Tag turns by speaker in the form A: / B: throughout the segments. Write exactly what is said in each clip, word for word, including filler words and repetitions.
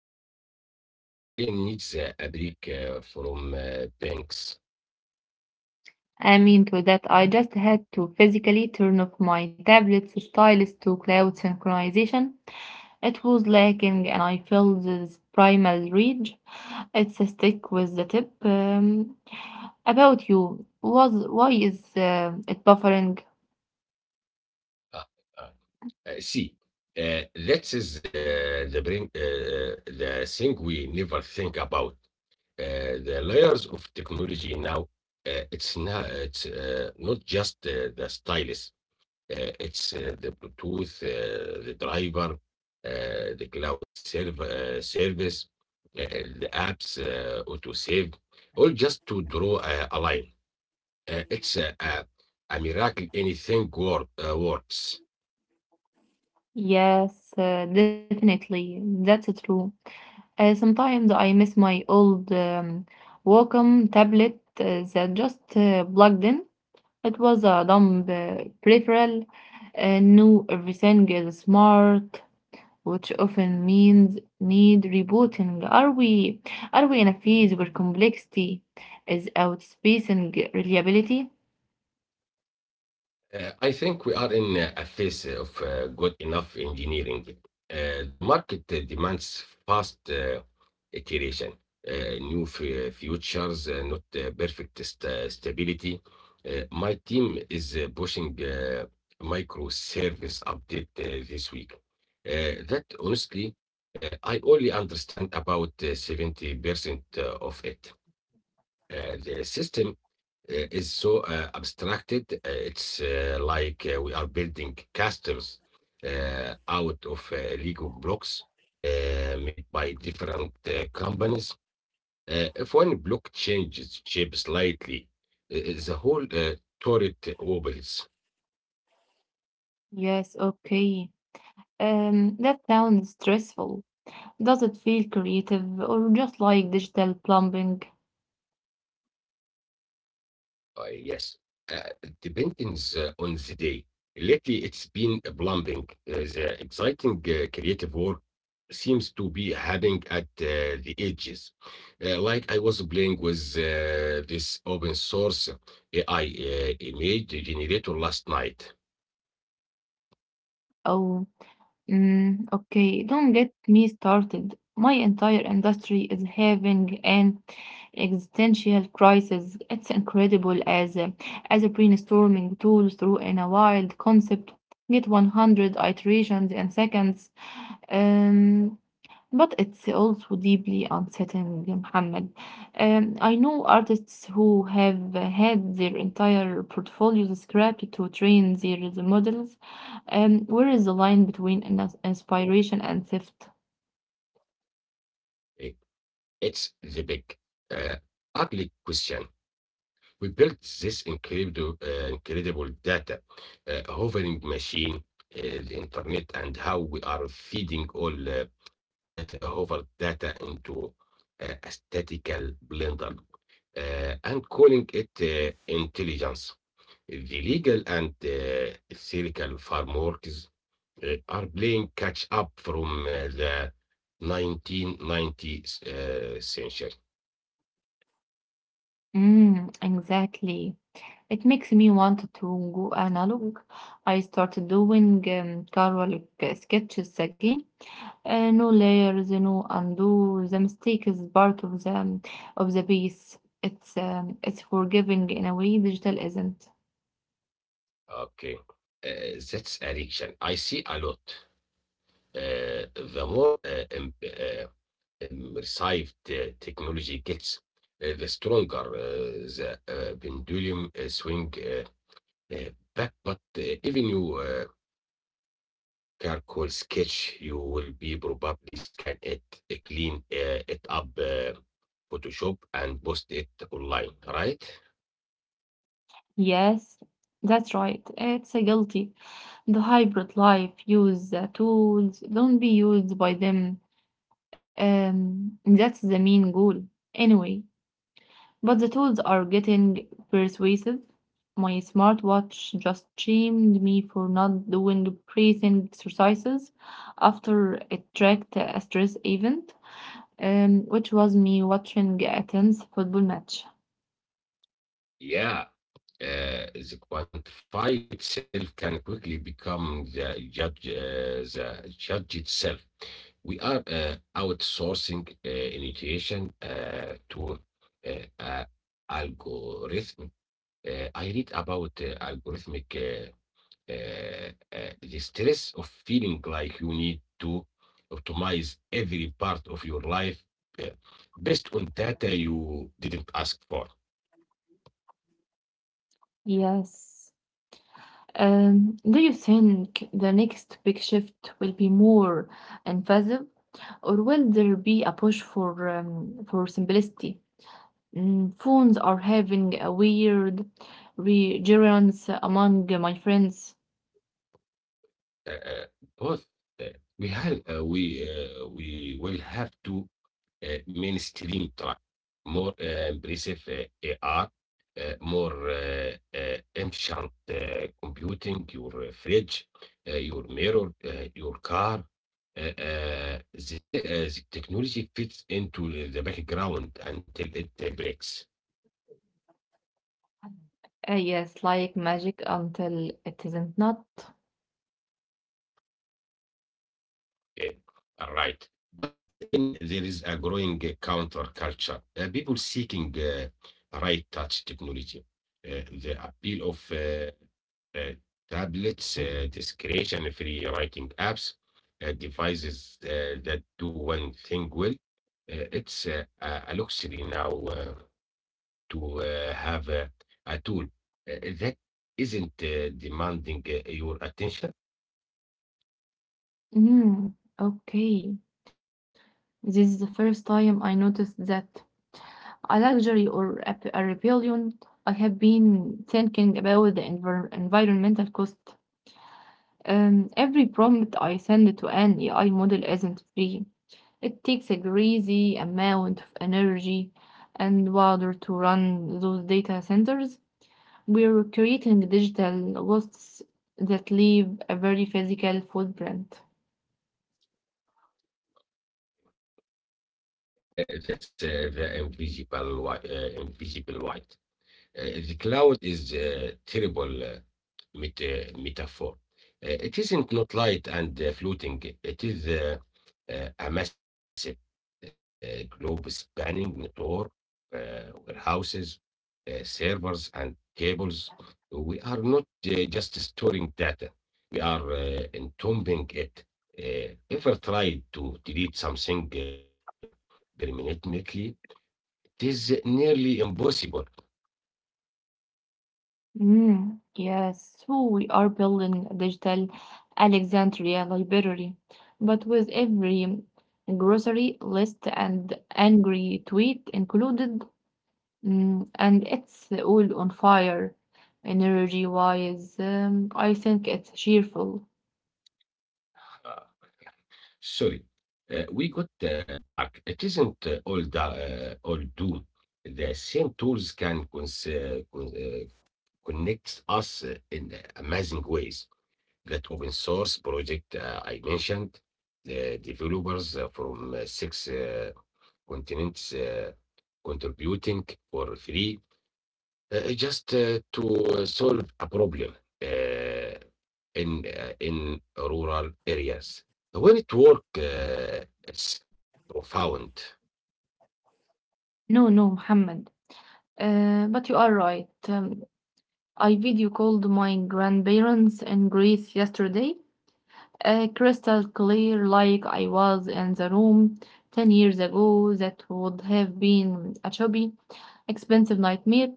A: next hour. My brain needs uh, a break uh, from uh, banks.
B: I'm into that. I just had to physically turn off my tablet's stylus to cloud synchronization. It was lacking, and I felt this primal rage. It's a stick with the tip. Um, About you, was why is uh, it buffering?
A: Uh, uh, uh, see, uh, that is uh, the brain, uh, uh, the thing we never think about. Uh, the layers of technology now, uh, it's not, it's uh, not just uh, the stylus. Uh, it's uh, the Bluetooth, uh, the driver, uh, the cloud serv- uh, service, uh, the apps, uh, auto save, all just to draw a, a line. Uh, it's a, a, a miracle anything work, uh, works.
B: Yes, uh, definitely. That's true. Uh, sometimes I miss my old um, Wacom tablet uh, that just uh, plugged in. It was a dumb uh, peripheral. Uh, new everything is smart, which often means need rebooting. Are we are we in a phase where complexity is outspacing reliability?
A: Uh, I think we are in uh, a phase of uh, good enough engineering. Uh, the market uh, demands fast uh, iteration, uh, new f- futures, uh, not uh, perfect st- uh, stability. Uh, my team is uh, pushing uh, microservice update uh, this week. Uh, that honestly, uh, I only understand about uh, seventy percent uh, of it. Uh, the system uh, is so uh, abstracted. Uh, it's uh, like uh, we are building castles uh, out of uh, Lego blocks uh, made by different uh, companies. Uh, if one block changes shape slightly, uh, the whole uh, turret wobbles.
B: Yes, okay. Um, that sounds stressful. Does it feel creative or just like digital plumbing?
A: Uh, yes, uh, depends uh, on the day. Lately, it's been plumbing. Uh, the exciting uh, creative work seems to be happening at uh, the edges. Uh, like I was playing with uh, this open source A I uh, image generator last night.
B: Oh. Mm, okay, don't get me started. My entire industry is having an existential crisis. It's incredible as a, as a brainstorming tool through in a wild concept. Get one hundred iterations in seconds. Um, but it's also deeply unsettling, Muhammad. Um, I know artists who have had their entire portfolios scrapped to train their models. Um, where is the line between ins- inspiration and theft?
A: Hey, it's the big, uh, ugly question. We built this incredible, uh, incredible data uh, hovering machine, uh, the internet, and how we are feeding all uh, that hover data into uh, a statistical blender uh, and calling it uh, intelligence. The legal and uh, theoretical frameworks uh, are playing catch up from uh, the nineteen nineties uh, century.
B: Mm, exactly. It makes me want to go analog. I started doing um, Carol sketches again. Uh, no layers, you know, undo the mistake is part of the um, of the piece. It's um, it's forgiving in a way digital isn't.
A: Okay. Uh, that's addiction. I see a lot. Uh, the more uh, im- uh, immersive the technology gets, uh, the stronger uh, the uh, pendulum uh, swing uh, uh, back. But uh, even you uh, charcoal sketch, you will be probably scan it, uh, clean uh, it up, uh, Photoshop, and post it online, right?
B: Yes, that's right. It's a guilty. The hybrid life use the tools, don't be used by them. Um, that's the main goal. Anyway, but the tools are getting persuasive. My smartwatch just shamed me for not doing breathing exercises after it tracked a stress event, um, which was me watching a tense football match.
A: Yeah, uh, the quantified self can quickly become the judge, uh, the judge itself. We are uh, outsourcing uh, initiation uh, to uh, uh, algorithm. Uh, I read about uh, algorithmic uh, uh, uh, the stress of feeling like you need to optimize every part of your life uh, based on data you didn't ask for.
B: Yes. Um, do you think the next big shift will be more invasive, or will there be a push for um, for simplicity? Mm, phones are having a weird resurgence among my friends.
A: Uh, uh, Both. Uh, we have uh, we uh, we will have to uh, mainstream track more uh, impressive uh, A R, uh, more uh, uh, efficient uh, computing, your uh, fridge, uh, your mirror, uh, your car. Uh, uh, the, te- uh, the technology fits into the the background until it uh, breaks.
B: Uh, yes, like magic until it isn't not.
A: Uh, Right, but then there is a growing uh, counterculture. Uh, people seeking uh, right touch technology, uh, the appeal of uh, uh, tablets, uh, discretion free writing apps, uh, devices uh, that do one thing well. Uh, it's uh, a a luxury now uh, to uh, have a, a tool uh, that isn't uh, demanding uh, your attention.
B: Mm, okay. This is the first time I noticed that a luxury or a, p- a rebellion. I have been thinking about the envir- environmental cost. Um, every prompt I send to an A I model isn't free. It takes a crazy amount of energy and water to run those data centers. We're creating digital ghosts that leave a very physical footprint.
A: Uh, that's uh, the invisible white. Uh, invisible white. Uh, the cloud is a terrible uh, met- uh, metaphor. Uh, it isn't not light and uh, floating. It is uh, uh, a massive uh, globe-spanning network, uh, warehouses, uh, servers, and cables. We are not uh, just storing data. We are uh, entombing it. Uh, ever tried to delete something uh, permanently? It is nearly impossible.
B: Mm, yes, so we are building a digital Alexandria library, but with every grocery list and angry tweet included. Mm, and it's all on fire, energy wise. Um, I think it's cheerful.
A: Uh, Sorry. Uh, we got uh, dark. It isn't uh, all da uh, all doom. The same tools can cons uh, con- uh, connect us uh, in amazing ways. That open source project uh, I mentioned, the developers uh, from uh, six uh, continents uh, contributing for free uh, just uh, to solve a problem. Uh, in uh, in rural areas. When it work, uh, it's profound.
B: No, no, Muhammad. Uh, but you are right. Um, I video called my grandparents in Greece yesterday, uh, crystal clear, like I was in the room ten years ago. That would have been a chubby, expensive nightmare.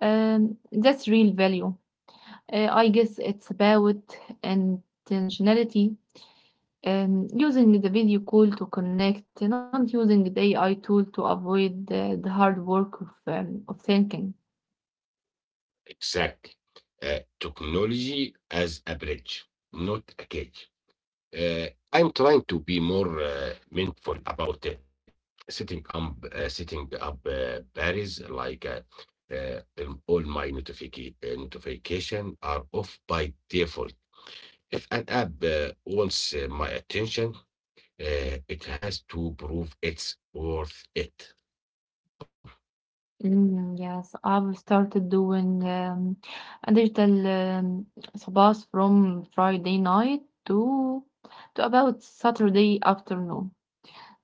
B: Um, that's real value. Uh, I guess it's about intentionality um, using the video call to connect, not using the A I tool to avoid the, the hard work of, um, of thinking.
A: Exactly. Uh, technology as a bridge, not a cage. Uh, I'm trying to be more uh, mindful about it. Setting up, uh, setting up uh, barriers like uh, uh, um, all my notification notification are off by default. If an app uh, wants uh, my attention, Uh, it has to prove it's worth it.
B: Mm, yes, I've started doing um, a digital um, sabas from Friday night to to about Saturday afternoon.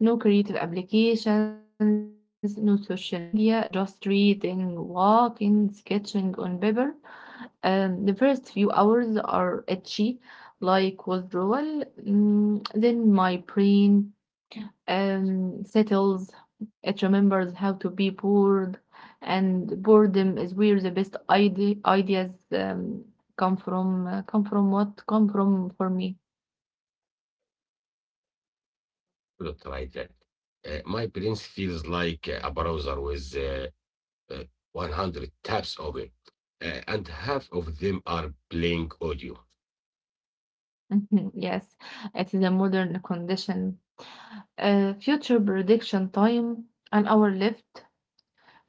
B: No creative applications, no social media, just reading, walking, sketching on paper. Um, the first few hours are itchy, like withdrawal. Mm, then my brain um, settles. It remembers how to be bored, and boredom is where the best ide ideas um, come from. Uh, come from what? Come from for me.
A: Not like that. Uh, my prince feels like a browser with uh, uh, one hundred tabs open, uh, and half of them are playing audio.
B: Yes, it is a modern condition. Uh, future prediction time, an hour left.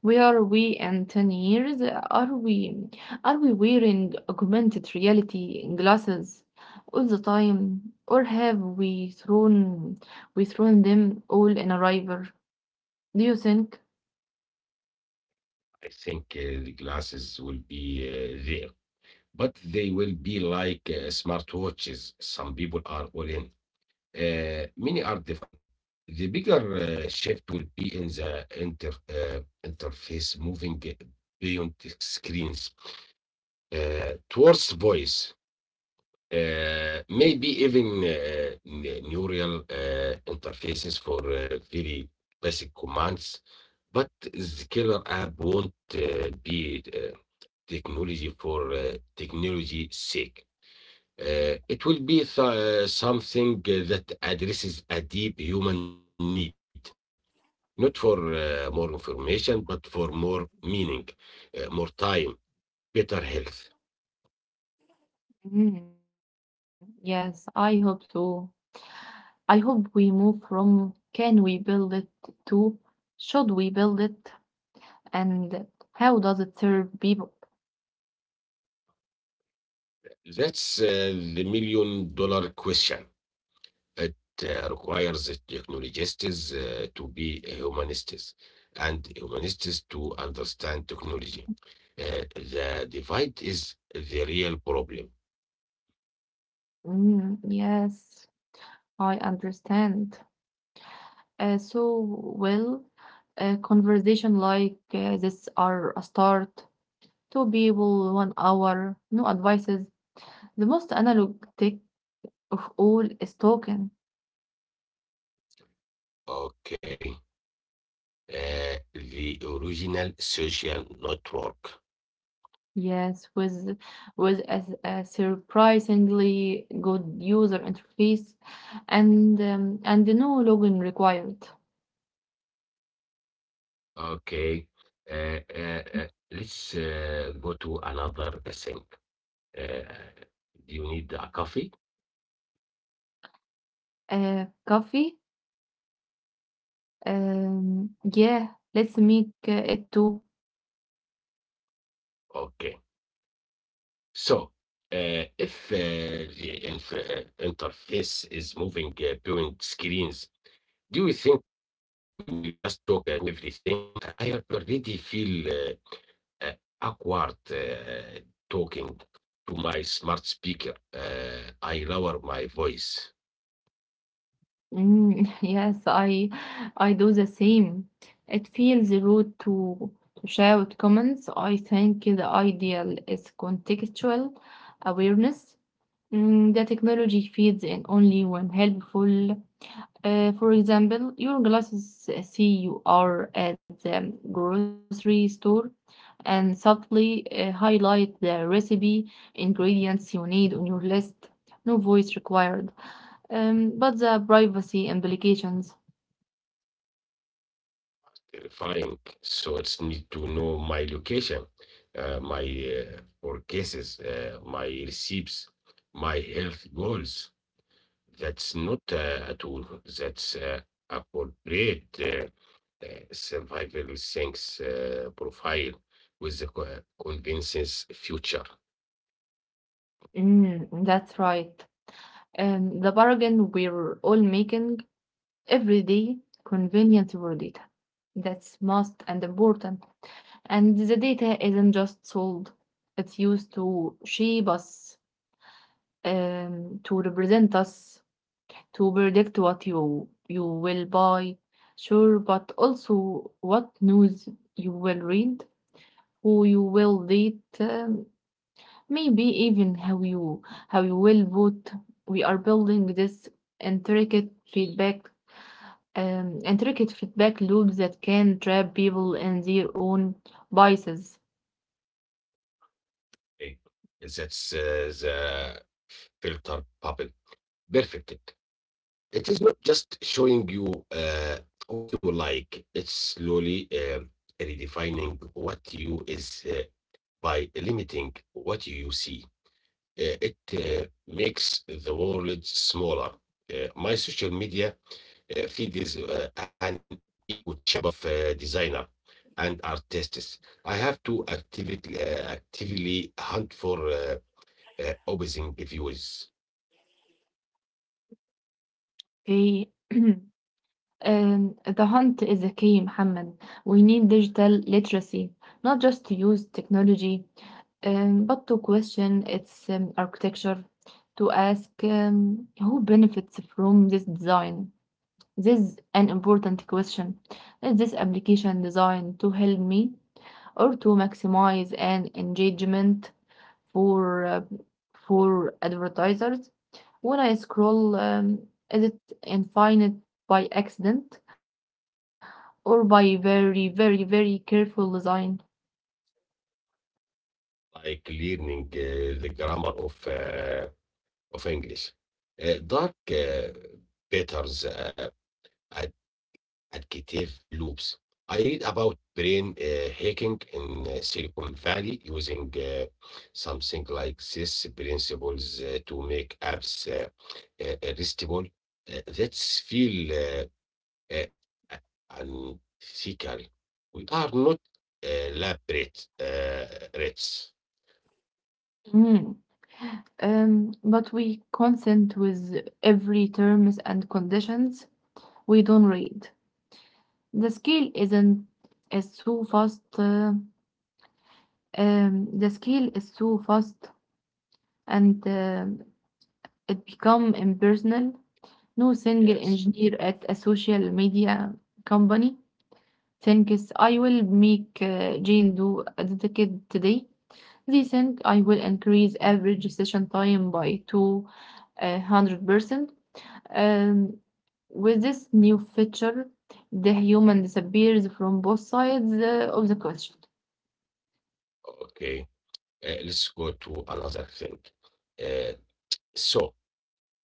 B: Where we in ten years? Are we are we wearing augmented reality glasses all the time? Or have we thrown we thrown them all in a river? Do you think?
A: I think uh, the glasses will be uh, there, but they will be like uh, smartwatches. Some people are all in. Uh, many are different. The bigger uh, shift will be in the inter, uh, interface moving beyond the screens uh, towards voice, uh, maybe even uh, n- neural uh, interfaces for uh, very basic commands. But the killer app won't uh, be uh, technology for uh, technology sake. Uh, it will be th- uh, something uh, that addresses a deep human need, not for uh, more information, but for more meaning, uh, more time, better health.
B: Mm, yes, I hope so. I hope we move from can we build it to should we build it and how does it serve people?
A: That's uh, the million dollar question. It uh, requires technologists uh, to be humanists and humanists to understand technology. Uh, the divide is the real problem.
B: Mm, yes, I understand. Uh, so, well, a conversation like uh, this are a start. Two people, one hour, no advices. The most analog tech of all is talking.
A: Okay. Uh, the original social network.
B: Yes, with with a, a surprisingly good user interface, and um, and no login required.
A: Okay. Uh, uh, uh, let's uh, go to another thing. Uh, do you need a coffee?
B: Uh, coffee. Um, yeah, let's make uh, it too.
A: Okay. So, uh, if uh, the inf- uh, interface is moving uh, between screens, do you think we will just talk uh, to everything? I I already feel uh, uh, awkward uh, talking to my smart speaker. Uh, I lower my voice.
B: Mm, yes, I I do the same. It feels rude to to shout comments. I think the ideal is contextual awareness. Mm, the technology feeds in only when helpful. Uh, for example, your glasses uh, see you are at the grocery store and subtly uh, highlight the recipe ingredients you need on your list. No voice required. Um, but the privacy implications.
A: Verifying. So it's need to know my location, uh, my uh, for uh, my receipts, my health goals. That's not uh, a tool. That's uh, appropriate. uh, the survival sinks uh, profile with the co- uh, convinces future.
B: Mm, that's right. Um, the bargain we're all making every day, convenience over data. That's must and important. And the data isn't just sold, it's used to shape us, um, to represent us, to predict what you you will buy, sure, but also what news you will read, who you will date, um, maybe even how you how you will vote. We are building this intricate feedback um, intricate feedback loop that can trap people in their own biases.
A: Okay. That's uh, the filter bubble. Perfect. It is not just showing you uh, what you like, it's slowly um redefining what you is, uh, by limiting what you see. Uh, it uh, makes the world smaller. Uh, my social media uh, feed is uh, an echo chamber of uh, designer and artists. I have to actively, uh, actively hunt for uh, uh, opposing views,
B: Okay. Um, the hunt is a key, Muhammad. We need digital literacy, not just to use technology, um, but to question its um, architecture, to ask um, who benefits from this design. This is an important question. Is this application designed to help me or to maximize an engagement for uh, for advertisers? When I scroll, um, is it infinite by accident or by very, very, very careful design?
A: like learning uh, the grammar of uh, of English. Uh, dark uh, patterns uh, ad- adjective loops. I read about brain uh, hacking in uh, Silicon Valley using uh, something like this principles uh, to make apps uh, uh, restable. Uh, that's feel uh, uh, uh, unethical. We are not uh, lab rat- uh, rats.
B: Hmm. Um, but we consent with every terms and conditions we don't read. The scale isn't is so fast. Uh, Um, the scale is so fast and um, it become impersonal. No single
A: Yes.
B: engineer at a social media company thinks I will make uh, Jane do a ticket today. They think I will increase average session time by two hundred percent. Um, with this new feature, the human disappears from both sides uh, of the question.
A: Okay. Uh, let's go to another thing. Uh, So,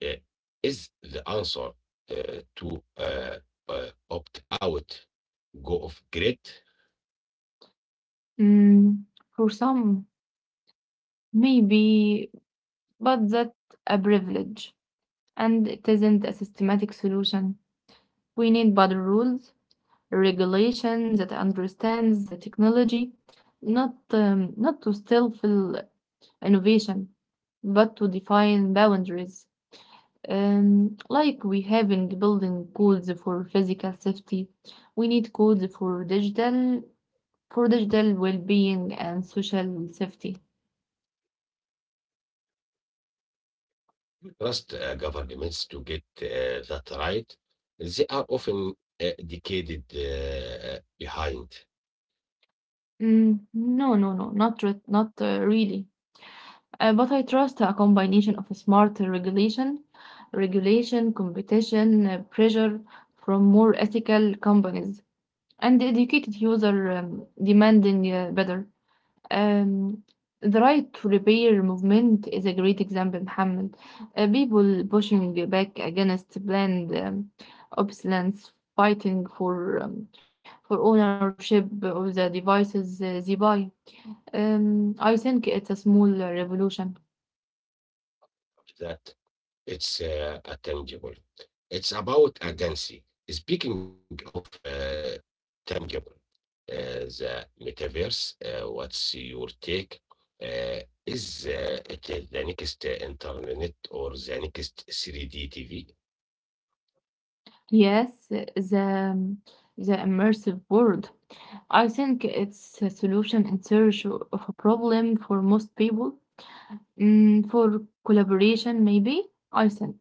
A: uh, is the answer uh, to uh, uh, opt out, go off grid?
B: Mm, for some, maybe. But that's a privilege, and it isn't a systematic solution. We need better rules, regulation that understands the technology, not um, not to stifle innovation, but to define boundaries. Um, like we have in building codes for physical safety, we need codes for digital for digital well-being and social safety.
A: Trust uh, governments to get uh, that right. They are often uh, decayed uh, behind.
B: Mm, no, no, no, not re- not uh, really. Uh, but I trust a combination of smart regulation, regulation, competition, uh, pressure from more ethical companies, and educated user um, demanding uh, better. Um, the right to repair movement is a great example, Mohammed. Uh, people pushing back against planned um, obsolescence, fighting for um, for ownership of the devices uh, they buy. Um, I think it's a small uh, revolution.
A: That It's uh, a tangible. It's about agency. Speaking of uh, tangible, uh, the metaverse, uh, what's your take? Uh, is uh, it uh, the next uh, internet or the next three D T V?
B: Yes, the the immersive world. I think it's a solution in search o- of a problem for most people. Mm, for collaboration, maybe. I think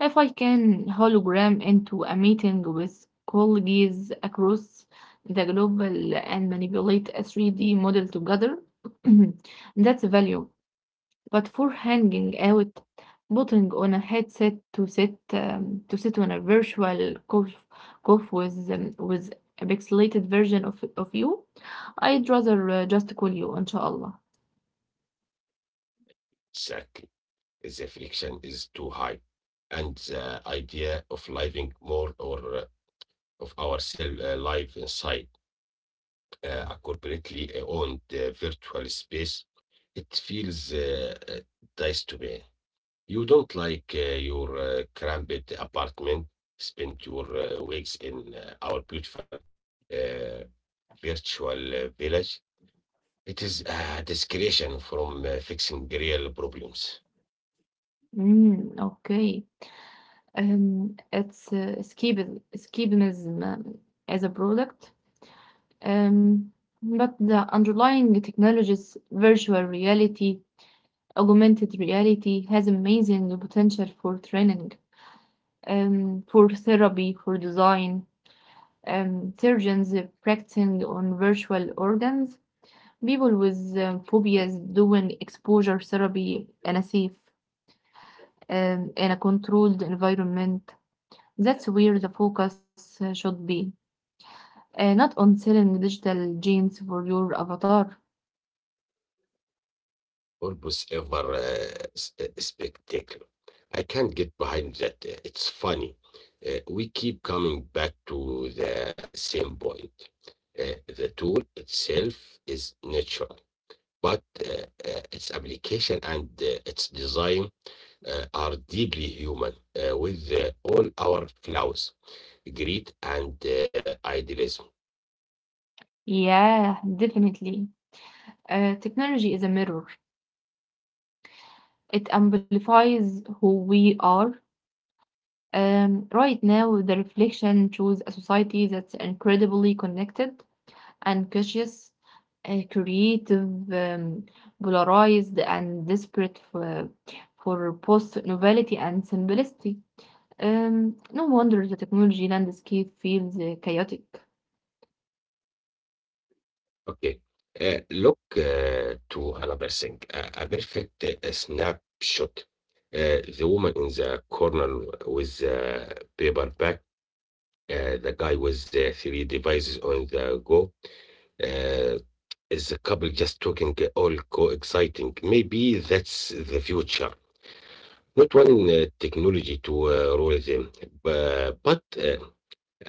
B: if I can hologram into a meeting with colleagues across the global and manipulate a three D model together, that's value. But for hanging out, putting on a headset to sit um, to sit on a virtual cough, cough with um, with a pixelated version of of you, I'd rather uh, just call you, inshallah.
A: Exactly. The friction is too high. And the idea of living more or uh, of our cell uh, life inside uh, a corporately owned uh, virtual space, it feels uh, uh, nice to me. You don't like uh, your uh, cramped apartment, spend your uh, weeks in uh, our beautiful uh, virtual uh, village. It is a discretion from uh, fixing real problems.
B: Mm, okay. Um, it's uh, escapism, escapism um, as a product. Um, but the underlying technologies, virtual reality, augmented reality, has amazing potential for training, um, for therapy, for design, um, surgeons uh, practicing on virtual organs, people with um, phobias doing exposure therapy in a safe um, in a controlled environment. That's where the focus uh, should be, uh, not on selling digital genes for your avatar.
A: Almost ever uh, s- uh, spectacular. I can't get behind that. Uh, It's funny. Uh, we keep coming back to the same point. Uh, the tool itself is natural, but uh, uh, its application and uh, its design uh, are deeply human, uh, with uh, all our flaws, greed, and uh, idealism.
B: Yeah, definitely. Uh, technology is a mirror. It amplifies who we are. Um, right now, the reflection shows a society that's incredibly connected and cautious, uh, creative, um, polarized, and desperate for, for both novelty and simplicity. Um, no wonder the technology landscape feels uh, chaotic.
A: Okay. Uh, Look uh, to another thing. A a perfect uh, snapshot. Uh, The woman in the corner with the paper bag, uh, the guy with the three devices on the go. Uh, Is the couple just talking uh, all co-exciting? Maybe that's the future. Not one uh, technology to uh, rule them, bu- but, uh,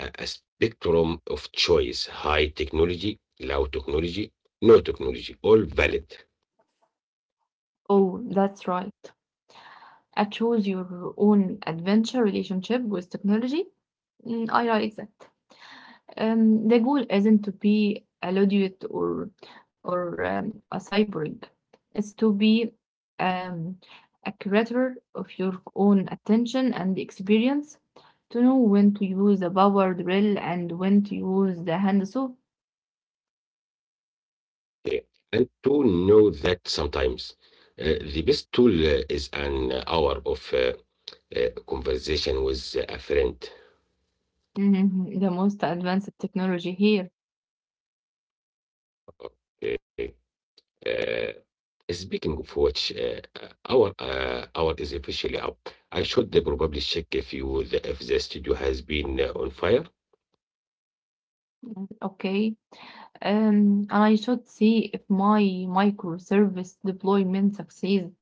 A: a, a spectrum of choice high technology, low technology, no technology, all valid.
B: Oh, that's right. I chose your own adventure relationship with technology. Mm, I like that. Um, the goal isn't to be a luddite or or um, a cyborg. It's to be um, a curator of your own attention and experience, to know when to use the power drill and when to use the hand saw.
A: Uh, and to know that sometimes uh, the best tool uh, is an hour of uh, uh, conversation with a friend.
B: Mhm. The most advanced technology here.
A: Okay. Uh, Speaking of which, uh, our uh, hour is officially up. I should probably check if you the, if the studio has been uh, on fire.
B: Mhm. Okay. Um, and I should see if my microservice deployment succeeds.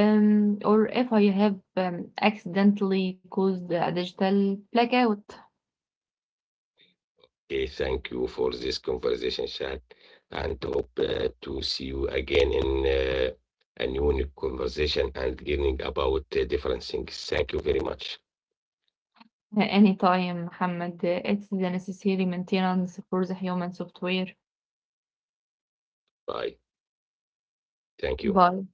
B: Um, or if I have um, accidentally caused a digital blackout.
A: Okay, thank you for this conversation, chat, and hope uh, to see you again in uh, a new new conversation and learning about uh, different things. Thank you very much.
B: Uh, anytime, Mohammed, it's the necessary maintenance for the human software.
A: Bye. Thank you.
B: Bye.